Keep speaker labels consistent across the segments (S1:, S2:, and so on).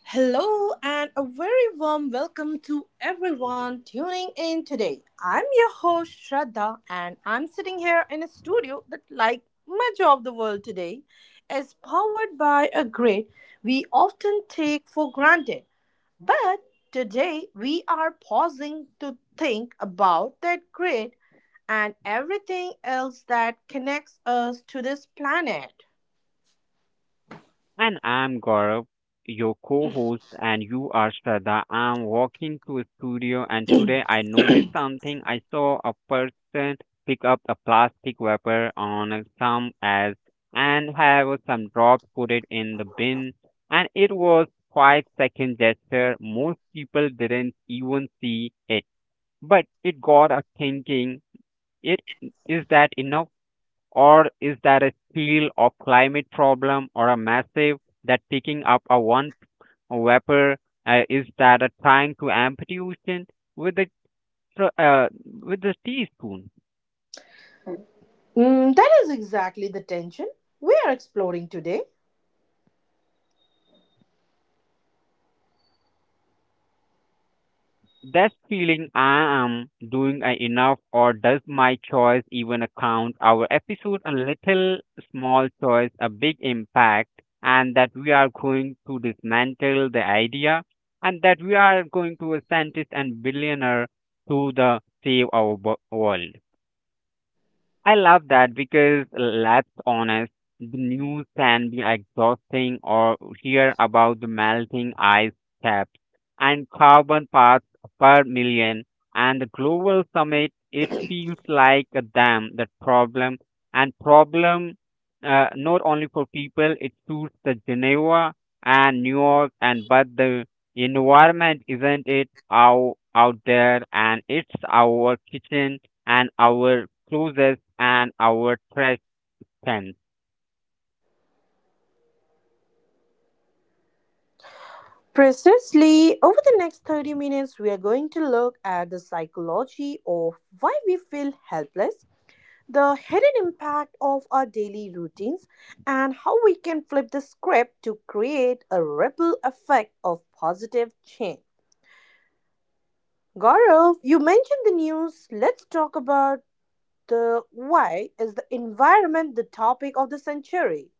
S1: Hello and a very warm welcome to everyone tuning in today. I'm your host Shraddha, and I'm sitting here in a studio that, like much of the world today, is powered by a grid we often take for granted. But today we are pausing to think about that grid and everything else that connects us to this planet.
S2: And I'm Gaurav, your co host, and you are Shraddha. I'm walking to a studio, and today I noticed something. I saw a person pick up a plastic wrapper on a thumb as and have some drops, put it in the bin, and it was 5 second gesture. Most people didn't even see it, but it got us thinking. It is that enough? Or is that a seal of climate problem or a massive that picking up a one vapor? Is that a trying to empty ocean with the tr- uh, with the teaspoon?
S1: Mm, that is exactly the tension we are exploring today.
S2: That feeling I am doing I enough or does my choice even account our episode a little small choice a big impact, and that we are going to dismantle the idea, and that we are going to a scientist and billionaire to the save our world. I love that because let's honest, the news can be exhausting or hear about the melting ice caps and carbon parts per million and the global summit. It feels like a dam that problem and problem, not only for people. It suits the Geneva and New York and but the environment isn't it out there, and it's our kitchen and our closest and our trust.
S1: Precisely, over the next 30 minutes, we are going to look at the psychology of why we feel helpless, the hidden impact of our daily routines, and how we can flip the script to create a ripple effect of positive change. Gaurav, you mentioned the news. Let's talk about the why is the environment the topic of the century.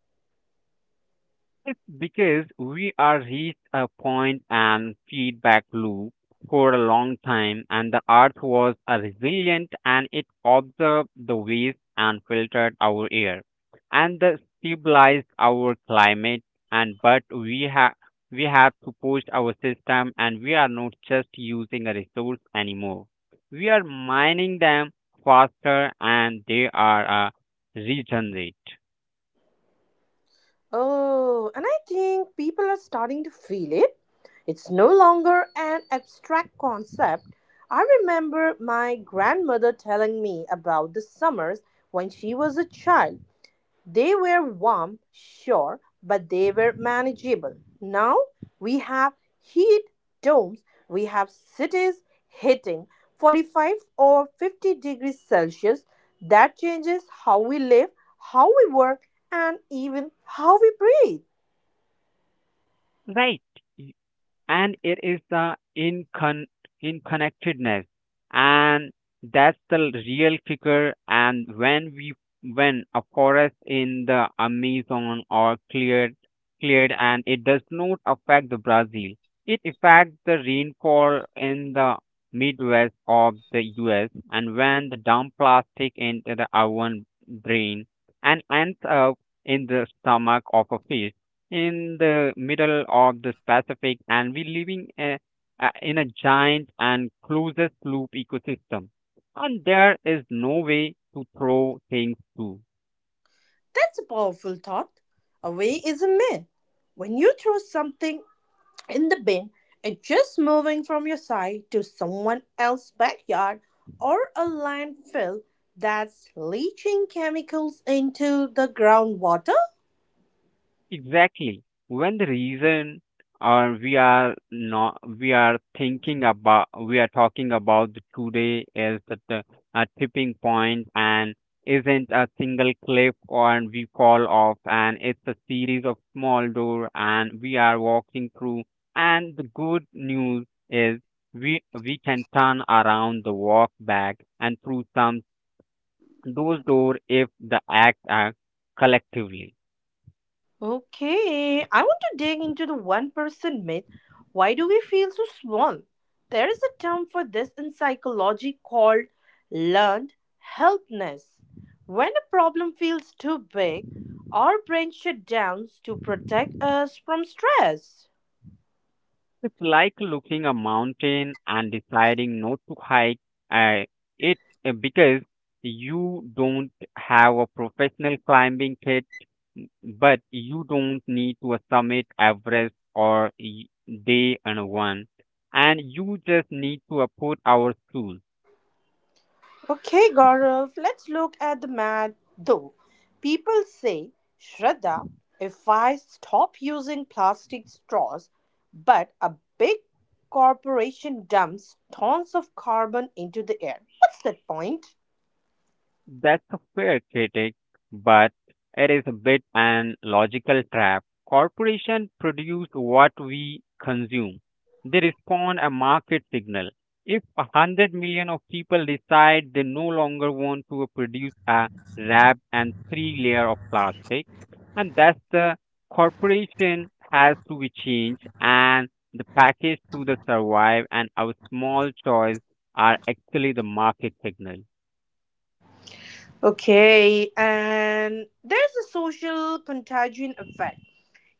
S2: It's because we are reached a point and feedback loop for a long time, and the earth was a resilient and it observed the waste and filtered our air and the stabilized our climate. And but we have to push our system, and we are not just using a resource anymore. We are mining them faster, and they are regenerate.
S1: Oh, and I think people are starting to feel it. It's no longer an abstract concept. I remember my grandmother telling me about the summers when she was a child. They were warm, sure, but they were manageable. Now we have heat domes, we have cities hitting 45 or 50 degrees Celsius. That changes how we live, how we work, and even how we breathe.
S2: Right. And it is the interconnectedness and that's the real kicker, and when a forest in the Amazon are cleared, and it does not affect the Brazil, it affects the rainfall in the Midwest of the US, and when the dump plastic into the oven brain and ends up in the stomach of a fish in the middle of the Pacific, and we living in a giant and closest loop ecosystem. And there is no way to throw things to.
S1: That's a powerful thought. Away is a myth. When you throw something in the bin and just moving from your side to someone else's backyard or a landfill that's leaching chemicals into the groundwater?
S2: Exactly. When the reason or we are not we are talking about the today is at the a tipping point, and isn't a single cliff or we fall off, and it's a series of small door, and we are walking through, and the good news is we can turn around the walk back and through some those door if the act are collectively.
S1: Okay, I want to dig into the one person myth. Why do we feel so small? There is a term for this in psychology called learned helplessness. When a problem feels too big, our brain shuts down to protect us from stress.
S2: It's like looking a mountain and deciding not to hike uh, it because you don't have a professional climbing kit, but you don't need to summit Everest or day and one, and you just need to put our shoes.
S1: Okay, Gaurav, let's look at the math though. People say, Shraddha, if I stop using plastic straws, but a big corporation dumps tons of carbon into the air, what's that point?
S2: That's a fair critic, but it is a bit an logical trap. Corporations produce what we consume. They respond a market signal. If a hundred million of people decide they no longer want to produce a wrap and three layer of plastic, and that's the corporation has to be changed and the package to the survive, and our small choice are actually the market signal.
S1: Okay, and there's a social contagion effect.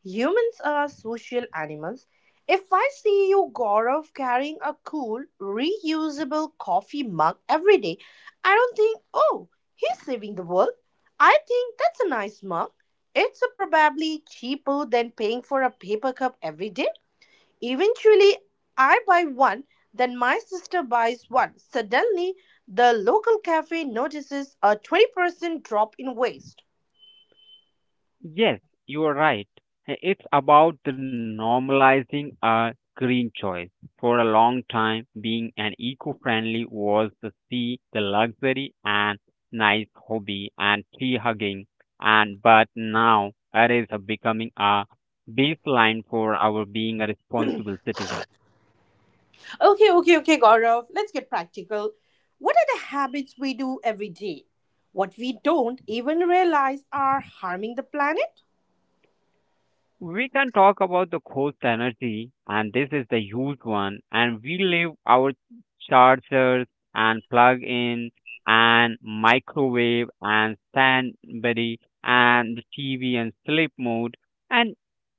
S1: Humans are social animals. If I see you, Gaurav, carrying a cool, reusable coffee mug every day, I don't think, oh, he's saving the world. I think that's a nice mug. It's a probably cheaper than paying for a paper cup every day. Eventually, I buy one, then my sister buys one. Suddenly, the local cafe notices a 20% drop in waste.
S2: Yes, you are right. It's about the normalizing a green choice. For a long time, being an eco-friendly was the sea, the luxury and nice hobby and tree hugging. And but now it is a becoming a baseline for our being a responsible citizen.
S1: Okay, okay, okay, Gaurav. Let's get practical. What are the habits we do every day? What we don't even realize are harming the planet?
S2: We can talk about the ghost energy, and this is the huge one. And we leave our chargers and plug in and microwave and Stanbury and the TV and sleep mode. And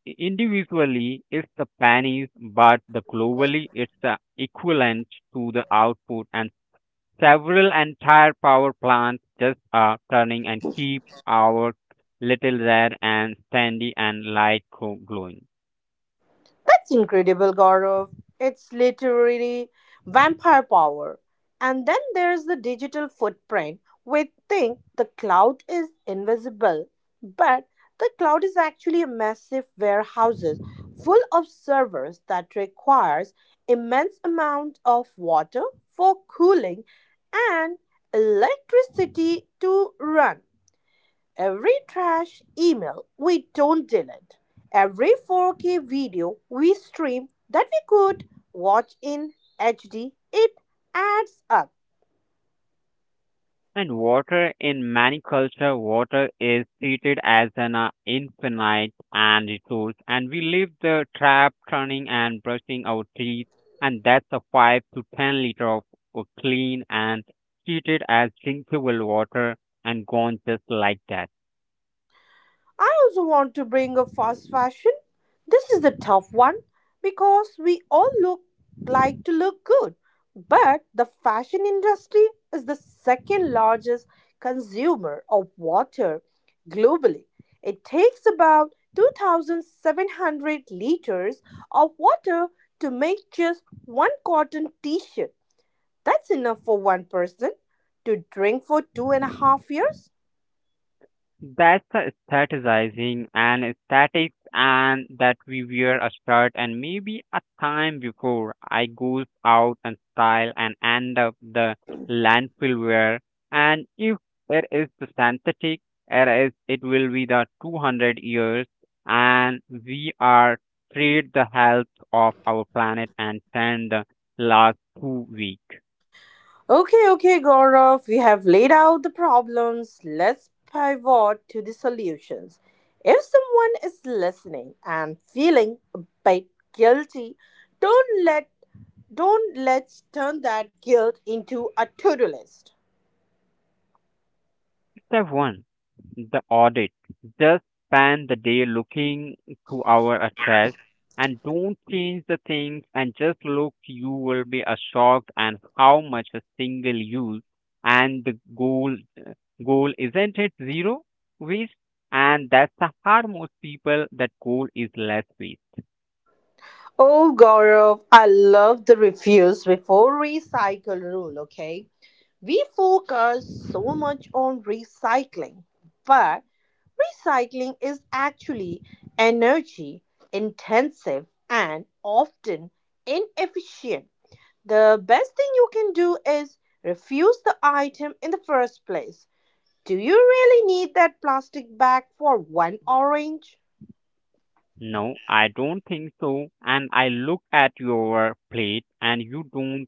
S2: individually, it's the pennies, but the globally, it's the equivalent to the output, and several entire power plants just are turning and keep our little red and sandy and light glowing.
S1: That's incredible, Gaurav. It's literally vampire power. And then there's the digital footprint. We think the cloud is invisible, but the cloud is actually a massive warehouses full of servers that requires immense amount of water for cooling and electricity to run. Every trash email we don't delete, every 4K video we stream that we could watch in HD, it adds up.
S2: And water in many cultures, water is treated as an infinite and resource, and we leave the trap turning and brushing our teeth, and that's a 5 to 10 liter of clean and treated as drinkable water and gone just like that.
S1: I also want to bring up fast fashion. This is the tough one because we all look like to look good. But the fashion industry is the second largest consumer of water globally. It takes about 2,700 liters of water to make just one cotton t shirt. That's enough for one person to drink for 2.5 years.
S2: That's the strategizing and statics, and that we wear a shirt and maybe a time before I goes out and style and end up the landfill wear. And if it is the synthetic, it will be the 200 years, and we are trade the health of our planet and send the last 2 week.
S1: Okay, okay, Gaurav, we have laid out the problems. Let's pivot to the solutions. If someone is listening and feeling a bit guilty, don't let don't let's turn that guilt into a to-do list.
S2: Step one the audit. Just spend the day looking to our address, and don't change the things, and just look, you will be a shocked and how much a single use. And the goal isn't it zero waste, and that's the hard most people that goal is less waste.
S1: Oh, Gaurav, I love the refuse before recycle rule, okay? We focus so much on recycling, but recycling is actually energy intensive and often inefficient. The best thing you can do is refuse the item in the first place. Do you really need that plastic bag for one orange?
S2: No, I don't think so. And I look at your plate, and you don't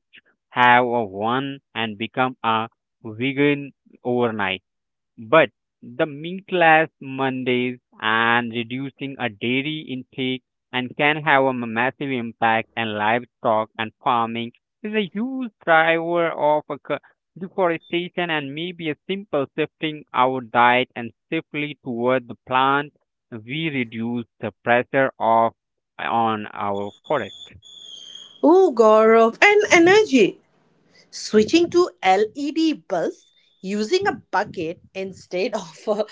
S2: have a one and become a vegan overnight. But the meatless Mondays and reducing a dairy intake and can have a massive impact, and livestock and farming is a huge driver of a deforestation, and maybe a simple shifting our diet and safely toward the plant, we reduce the pressure of on our forest.
S1: Oh, Gaurav, and energy. Switching to LED bulbs, using a bucket instead of a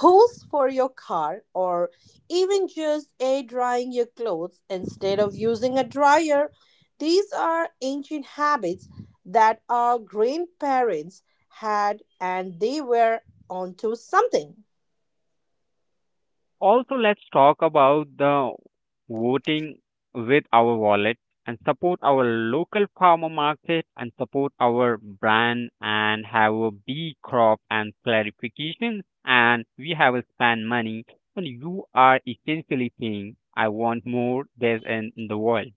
S1: hose for your car, or even just air drying your clothes instead of using a dryer. These are ancient habits that our grandparents had, and they were onto something.
S2: Also, let's talk about the voting with our wallet, and support our local farmer market, and support our brand and have a big crop and clarification, and we have spend money, and you are essentially saying I want more this in the world.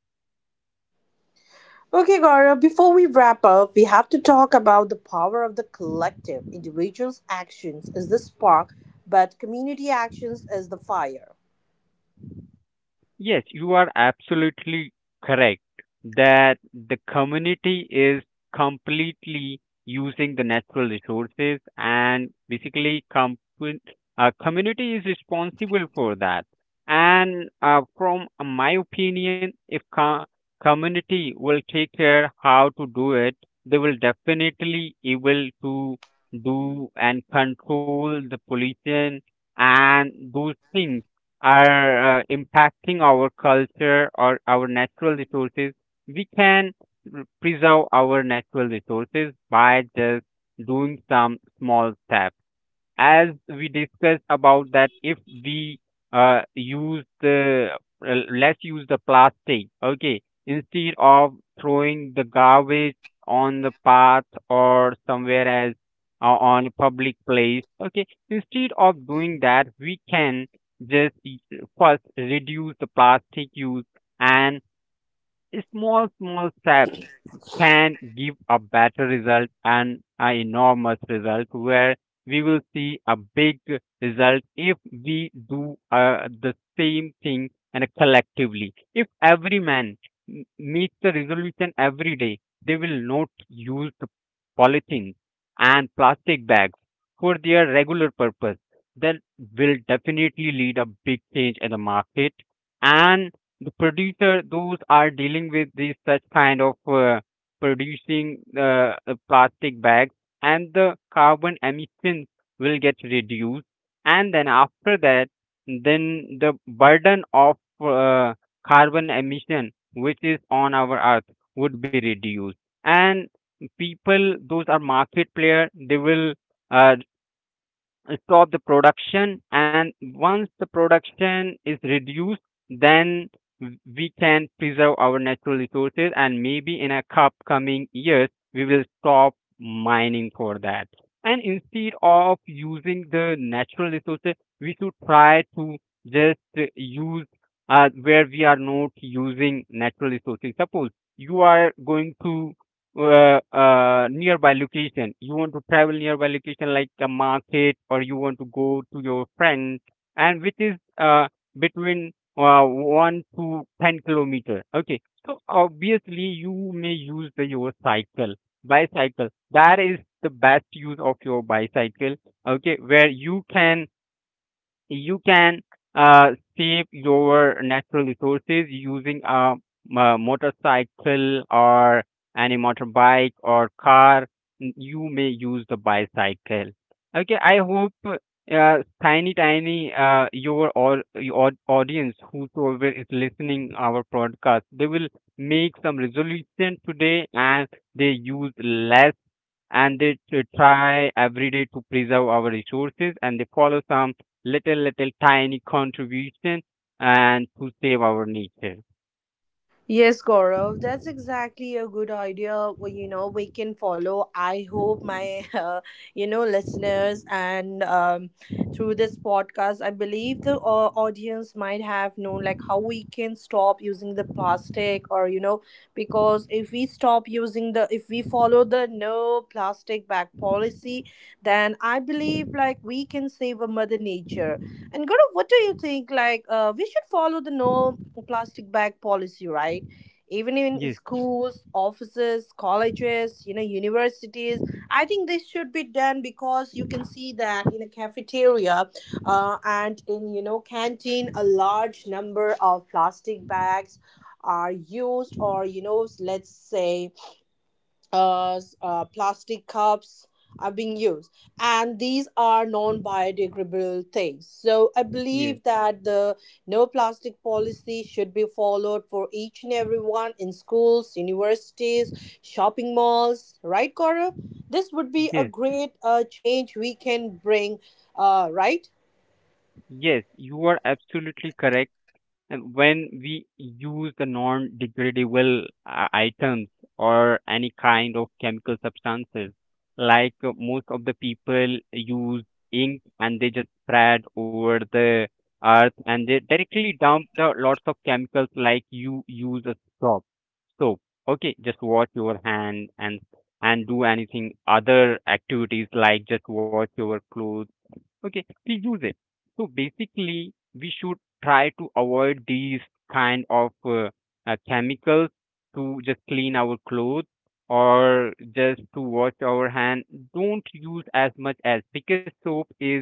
S1: Okay, Gaurav, before we wrap up, we have to talk about the power of the collective. Individuals' actions is the spark, but community actions is the fire.
S2: Yes, you are absolutely correct that the community is completely using the natural resources, and basically community is responsible for that. And from my opinion, if community will take care how to do it, they will definitely able to do and control the pollution, and those things are impacting our culture or our natural resources, we can preserve our natural resources by just doing some small steps, as we discussed about that if we use the let's use the plastic, okay, instead of throwing the garbage on the path or somewhere else on public place, okay, instead of doing that we can just first reduce the plastic use, and small small steps can give a better result and an enormous result, where we will see a big result if we do the same thing and collectively. If every man meets the resolution every day, they will not use the polythene and plastic bags for their regular purpose. That will definitely lead a big change in the market, and the producer those are dealing with these such kind of producing a plastic bags and the carbon emissions will get reduced, and then after that then the burden of uh, carbon emission which is on our earth would be reduced, and people those are market player they will uh, stop the production, and once the production is reduced, then we can preserve our natural resources, and maybe in a upcoming years we will stop mining for that, and instead of using the natural resources we should try to just use where we are not using natural resources. Suppose you are going to nearby location. You want to travel nearby location like a market, or you want to go to your friend, and which is between 1 to 10 kilometer. Okay, so obviously you may use the your cycle, bicycle. That is the best use of your bicycle. Okay, where you can uh, save your natural resources using a motorcycle or any motorbike or car. You may use the bicycle. Okay, I hope tiny tiny your or your audience whosoever is listening our podcast they will make some resolution today, and they use less, and they try every day to preserve our resources, and they follow some little little tiny contribution and to save our nature.
S1: Yes, Gaurav, that's exactly a good idea. We can follow. I hope my, you know, listeners and through this podcast, I believe the audience might have known like how we can stop using the plastic, or you know, because if we stop using the, if we follow the no plastic bag policy, then I believe like we can save a mother nature. And Gaurav, what do you think? Like, we should follow the no plastic bag policy, right? Even in
S2: Yes,
S1: schools, offices, colleges, you know, universities. I think this should be done because you can see that in a cafeteria and in, you know, canteen, a large number of plastic bags are used, or you know let's say plastic cups are being used, and these are non-biodegradable things, so I
S2: yes
S1: believe that the no plastic policy should be followed for each and everyone in schools, universities, shopping malls, right, Gaurav? This would be a
S2: yes
S1: great change we can bring, right.
S2: yes you are absolutely correct. And when we use the non-degradable items or any kind of chemical substances, like most of the people use ink and they just spread over the earth, and they directly dump the lots of chemicals, like you use a soap. So okay, just wash your hand and do anything other activities like just wash your clothes, okay, we use it. So basically we should try to avoid these kind of chemicals to just clean our clothes or just to wash our hand. Don't use as much as, because soap is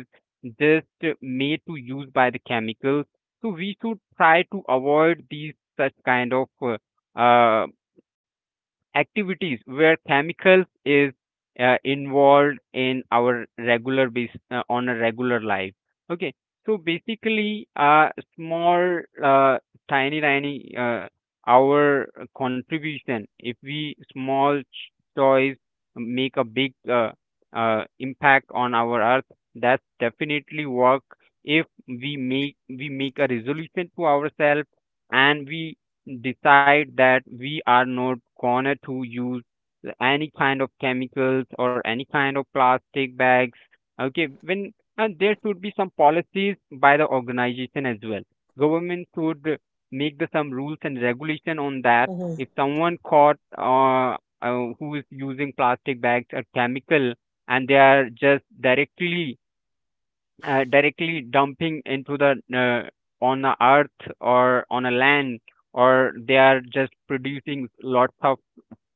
S2: just made to use by the chemicals. So we should try to avoid these such kind of uh, activities where chemicals is involved in our regular base, on a regular life, okay. So basically small, tiny tiny, our contribution, if we small choice, make a big impact on our earth, that's definitely work. If we make, we make a resolution to ourselves and we decide that we are not gonna to use any kind of chemicals or any kind of plastic bags, okay. When and there should be some policies by the organization as well. Government should make the some rules and regulation on that. If someone caught who is using plastic bags or chemical, and they are just directly directly dumping into the on the earth or on a land, or they are just producing lots of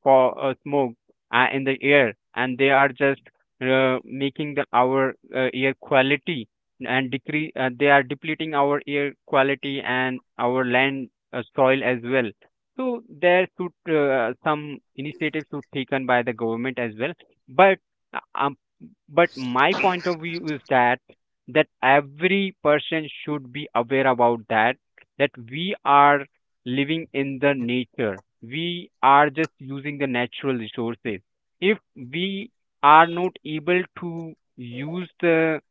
S2: for smoke in the air, and they are just making the our air quality and decrease. They are depleting our air quality and our land, soil as well. So there should some initiatives should taken by the government as well. But uh, um, but my point of view is that every person should be aware about that we are living in the nature. We are just using the natural resources. If we are not able to use the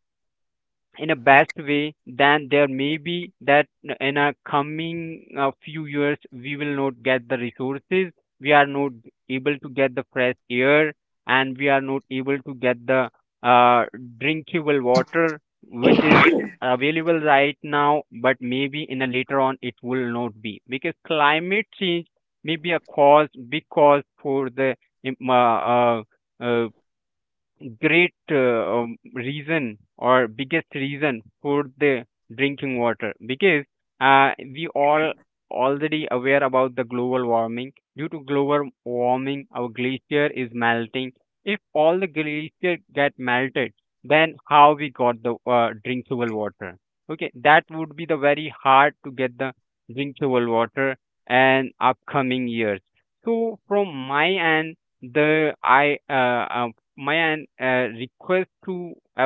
S2: in a best way, then there may be that in a coming few years we will not get the resources. We are not able to get the fresh air and we are not able to get the uh, drinkable water, which is available right now, but maybe in a later on it will not be, because climate change may be a cause, big cause for the um, uh, uh, uh, great reason or biggest reason for the drinking water. Because we all already aware about the global warming. Due to global warming, our glacier is melting. If all the glacier get melted, then how we got the drinkable water? Okay, that would be the very hard to get the drinkable water and upcoming years. So from my end, the I uh, my uh, request to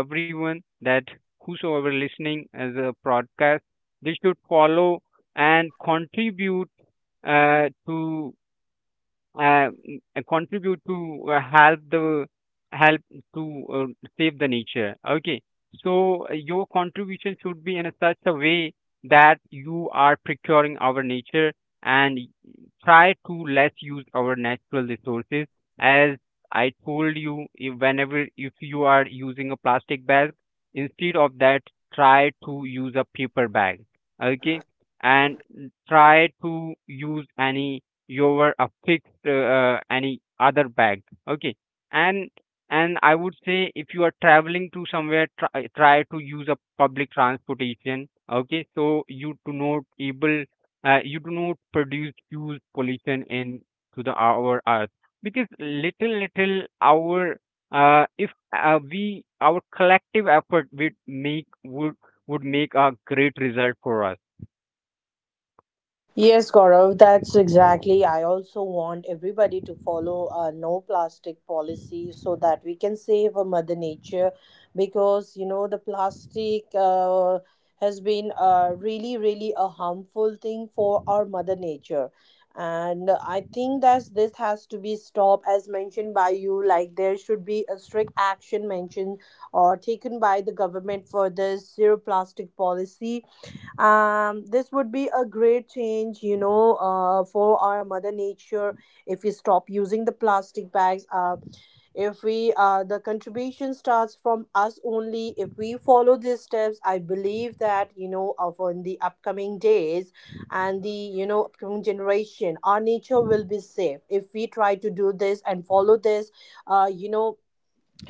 S2: everyone that whosoever listening as a broadcast, they should follow and contribute to uh, contribute to help the, help to save the nature, okay. So your contribution should be in a such a way that you are procuring our nature and try to less use our natural resources. As I told you, if whenever if you are using a plastic bag, instead of that try to use a paper bag, okay. And try to use any your fixed, any other bag, okay. And I would say if you are traveling to somewhere, try to use a public transportation, okay, so you do not able, you do not produce huge pollution in to the our earth. Because little little our, if we our collective effort would make, would make a great result for us.
S1: Yes, Gaurav, that's exactly. I also want everybody to follow a no plastic policy so that we can save Mother Nature because, you know, the plastic has been really, really a harmful thing for our Mother Nature. And I think that this has to be stopped, as mentioned by you. Like, there should be a strict action mentioned or taken by the government for this zero plastic policy. This would be a great change, you know, for our Mother Nature. If we stop using the plastic bags, if we the contribution starts from us only, if we follow these steps, I believe that, you know, of in the upcoming days and the, you know, upcoming generation, our nature will be safe if we try to do this and follow this, you know,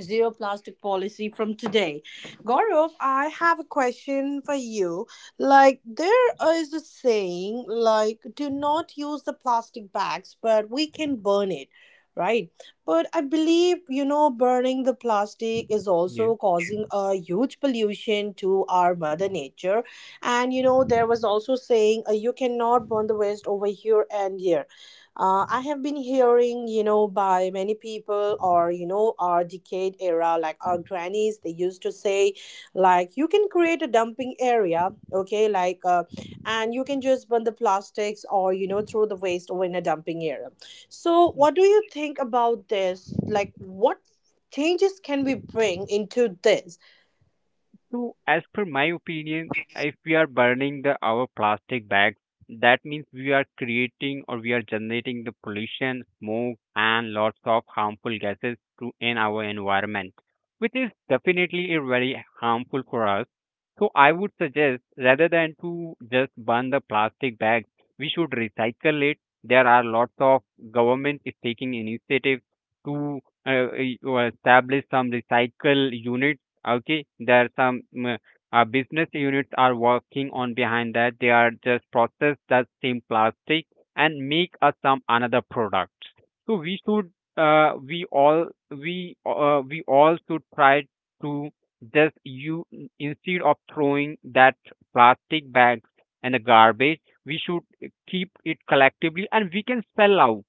S1: zero plastic policy from today. Gaurav, I have a question for you. Like, there is a saying, like, do not use the plastic bags, but we can burn it, right? But I believe, you know, burning the plastic is
S2: Yeah.
S1: also causing a huge pollution to our mother nature. And, you know, there was also saying, you cannot burn the waste over here and here. I have been hearing, you know, by many people or, you know, our decade era, like our grannies, they used to say, like, you can create a dumping area, okay, like, and you can just burn the plastics or, you know, throw the waste over in a dumping area. So,
S2: Yeah.
S1: what do you think about this? Like, what changes can we bring into this?
S2: So as per my opinion, if we are burning the our plastic bags, that means we are creating or we are generating the pollution, smoke, and lots of harmful gases to in our environment, which is definitely a very harmful for us. So I would suggest, rather than to just burn the plastic bags, we should recycle it. There are lots of government is taking initiatives to uh, establish some recycle units, okay. There are some business units are working on behind that. They are just process that same plastic and make us some another products. So we should, we all should try to just you, instead of throwing that plastic bags and the garbage, we should keep it collectively and we can sell out.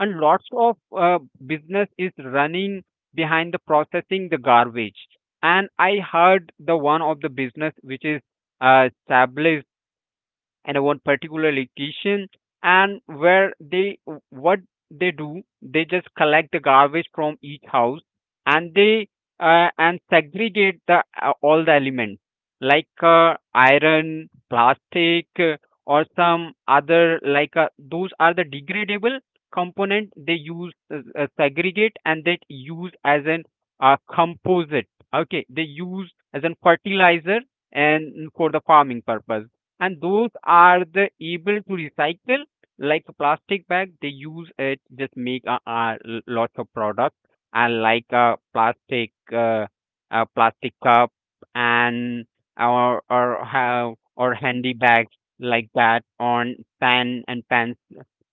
S2: And lots of business is running behind the processing the garbage. And I heard the one of the business which is established and one particular location, and where they, what they do, they just collect the garbage from each house. And they and segregate the all the elements, like iron, plastic, or some other. Like those are the degradable component, they use segregate and they use as an composite, okay. They use as a fertilizer and for the farming purpose. And those are the able to recycle, like a plastic bag, they use it just make a lots of products. And like a plastic, uh, a plastic cup, and or have, or handy bags like that on, pan and pan,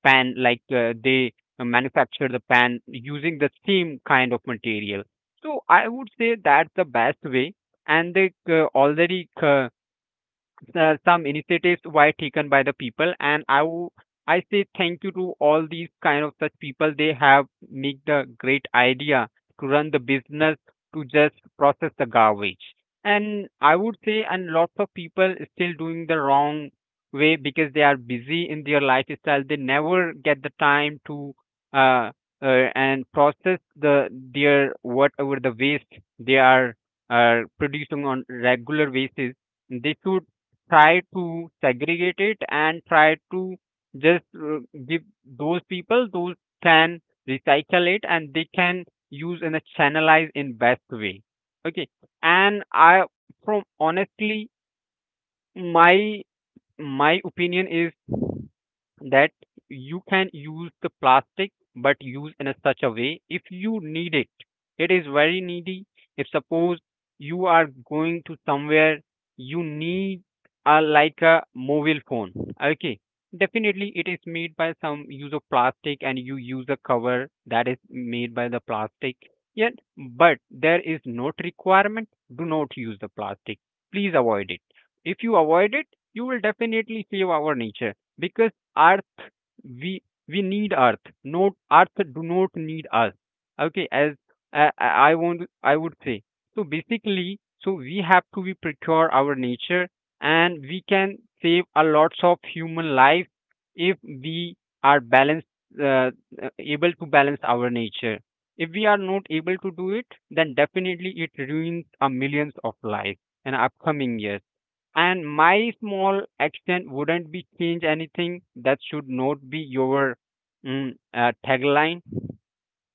S2: like they manufacture the pan using the same kind of material. So I would say that's the best way. And they already uh, some initiatives were taken by the people. And I say thank you to all these kind of such people. They have make the great idea to run the business to just process the garbage. And I would say, and lots of people is still doing the wrong way, because they are busy in their lifestyle. They never get the time to uh, and process the their whatever the waste they are producing on regular basis. They should try to segregate it and try to just give those people. Those can recycle it and they can use in a channelized, in best way, okay. And I from honestly, my my opinion is that you can use the plastic, but use in a such a way if you need it. It is very needy. If suppose you are going to somewhere, you need a, like a mobile phone, okay. Definitely it is made by some use of plastic, and you use a cover that is made by the plastic, yet. But there is not requirement, do not use the plastic, please avoid it. If you avoid it, you will definitely save our nature. Because earth, we we need earth, not earth do not need us, okay. As I would say. So basically, so we have to be procure our nature, and we can save a lots of human life if we are balanced, uh, able to balance our nature. If we are not able to do it, then definitely it ruins a millions of lives in upcoming years. And my small action wouldn't be change anything, that should not be your tagline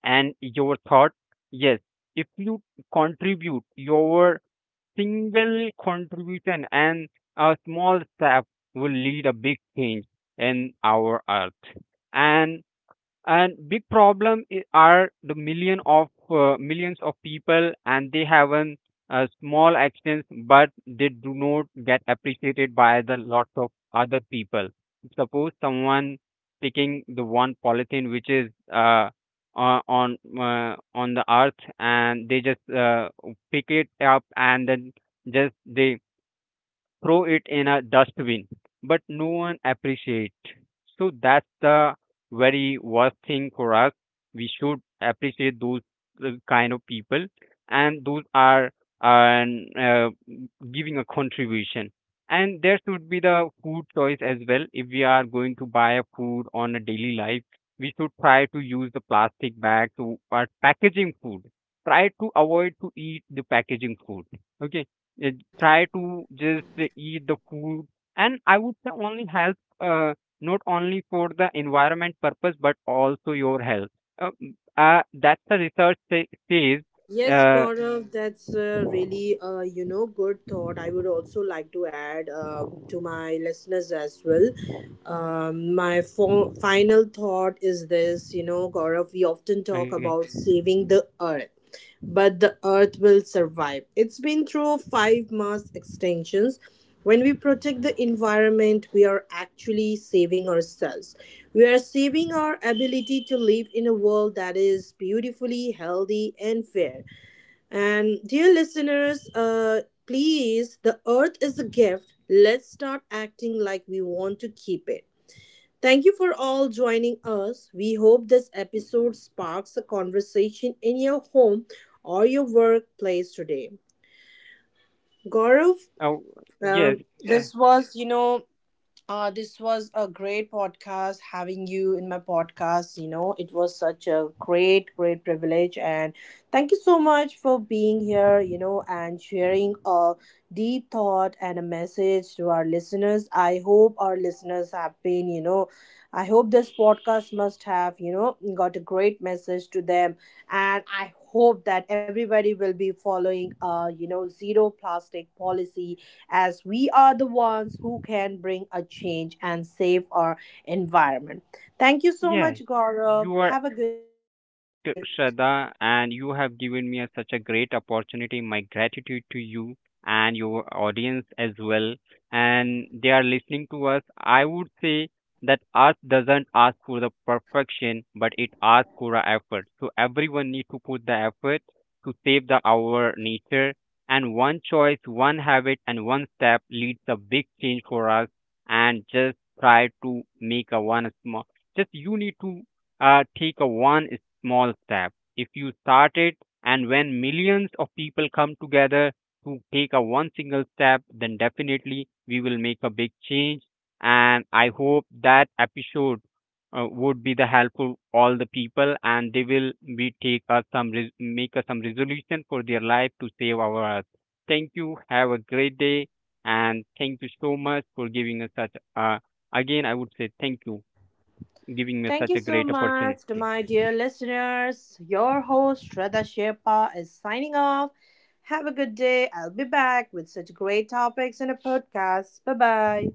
S2: and your thought. Yes, if you contribute your single contribution and a small step will lead a big change in our earth. And big problem, are the million of millions of people, and they have an small actions, but they do not get appreciated by the lots of other people. Suppose someone picking the one polythene which is on the earth, and they just pick it up and then just they throw it in a dustbin, but no one appreciates. So that's the very worst thing for us. We should appreciate those kind of people, and those are and giving a contribution. And there should be the food choice as well. If we are going to buy a food on a daily life, we should try to use the plastic bag to or packaging food. Try to avoid to eat the packaging food. Okay, uh, try to just eat the food. And I would say only help, not only for the environment purpose, but also your health. That's the research say, says.
S1: Yes,
S2: uh,
S1: Gaurav, that's really you know good thought. I would also like to add to my listeners as well. My final thought is this: you know, Gaurav, we often talk
S2: okay.
S1: about saving the earth, but the earth will survive. It's been through 5 mass extinctions. When we protect the environment, we are actually saving ourselves. We are saving our ability to live in a world that is beautifully healthy and fair. And dear listeners, please, the earth is a gift. Let's start acting like we want to keep it. Thank you for all joining us. We hope this episode sparks a conversation in your home or your workplace today. Gaurav,
S2: Oh, yes. uh,
S1: this was, you know, this was a great podcast having you in my podcast. You know, it was such a great, great privilege. And thank you so much for being here, you know, and sharing a deep thought and a message to our listeners. I hope our listeners have been, you know, I hope this podcast must have, you know, got a great message to them. And I hope that everybody will be following, you know, zero plastic policy as we are the ones who can bring a change and save our environment. Thank you so
S2: Yeah,
S1: much, Gaurav.
S2: you are
S1: Have a good
S2: absolutely
S1: day.
S2: correct, Shraddha, and you have given me a, such a great opportunity. My gratitude to you and your audience as well. And they are listening to us. I would say that art doesn't ask for the perfection, but it asks for a effort. So everyone needs to put the effort to save the our nature. And one choice, one habit, and one step leads a big change for us. And just try to make a one small, just you need to take a one small step. If you start it, and when millions of people come together to take a one single step, then definitely we will make a big change. And I hope that episode would be the helpful all the people, and they will be take us some make us some resolution for their life to save our earth. Thank you. Have a great day, and thank you so much for giving us such. Again, I would say thank you giving me
S1: Thank
S2: such
S1: you
S2: a
S1: so
S2: great
S1: much to
S2: opportunity.
S1: my dear listeners. Your host, Shraddha Sherpa, is signing off. Have a good day. I'll be back with such great topics in a podcast. Bye bye.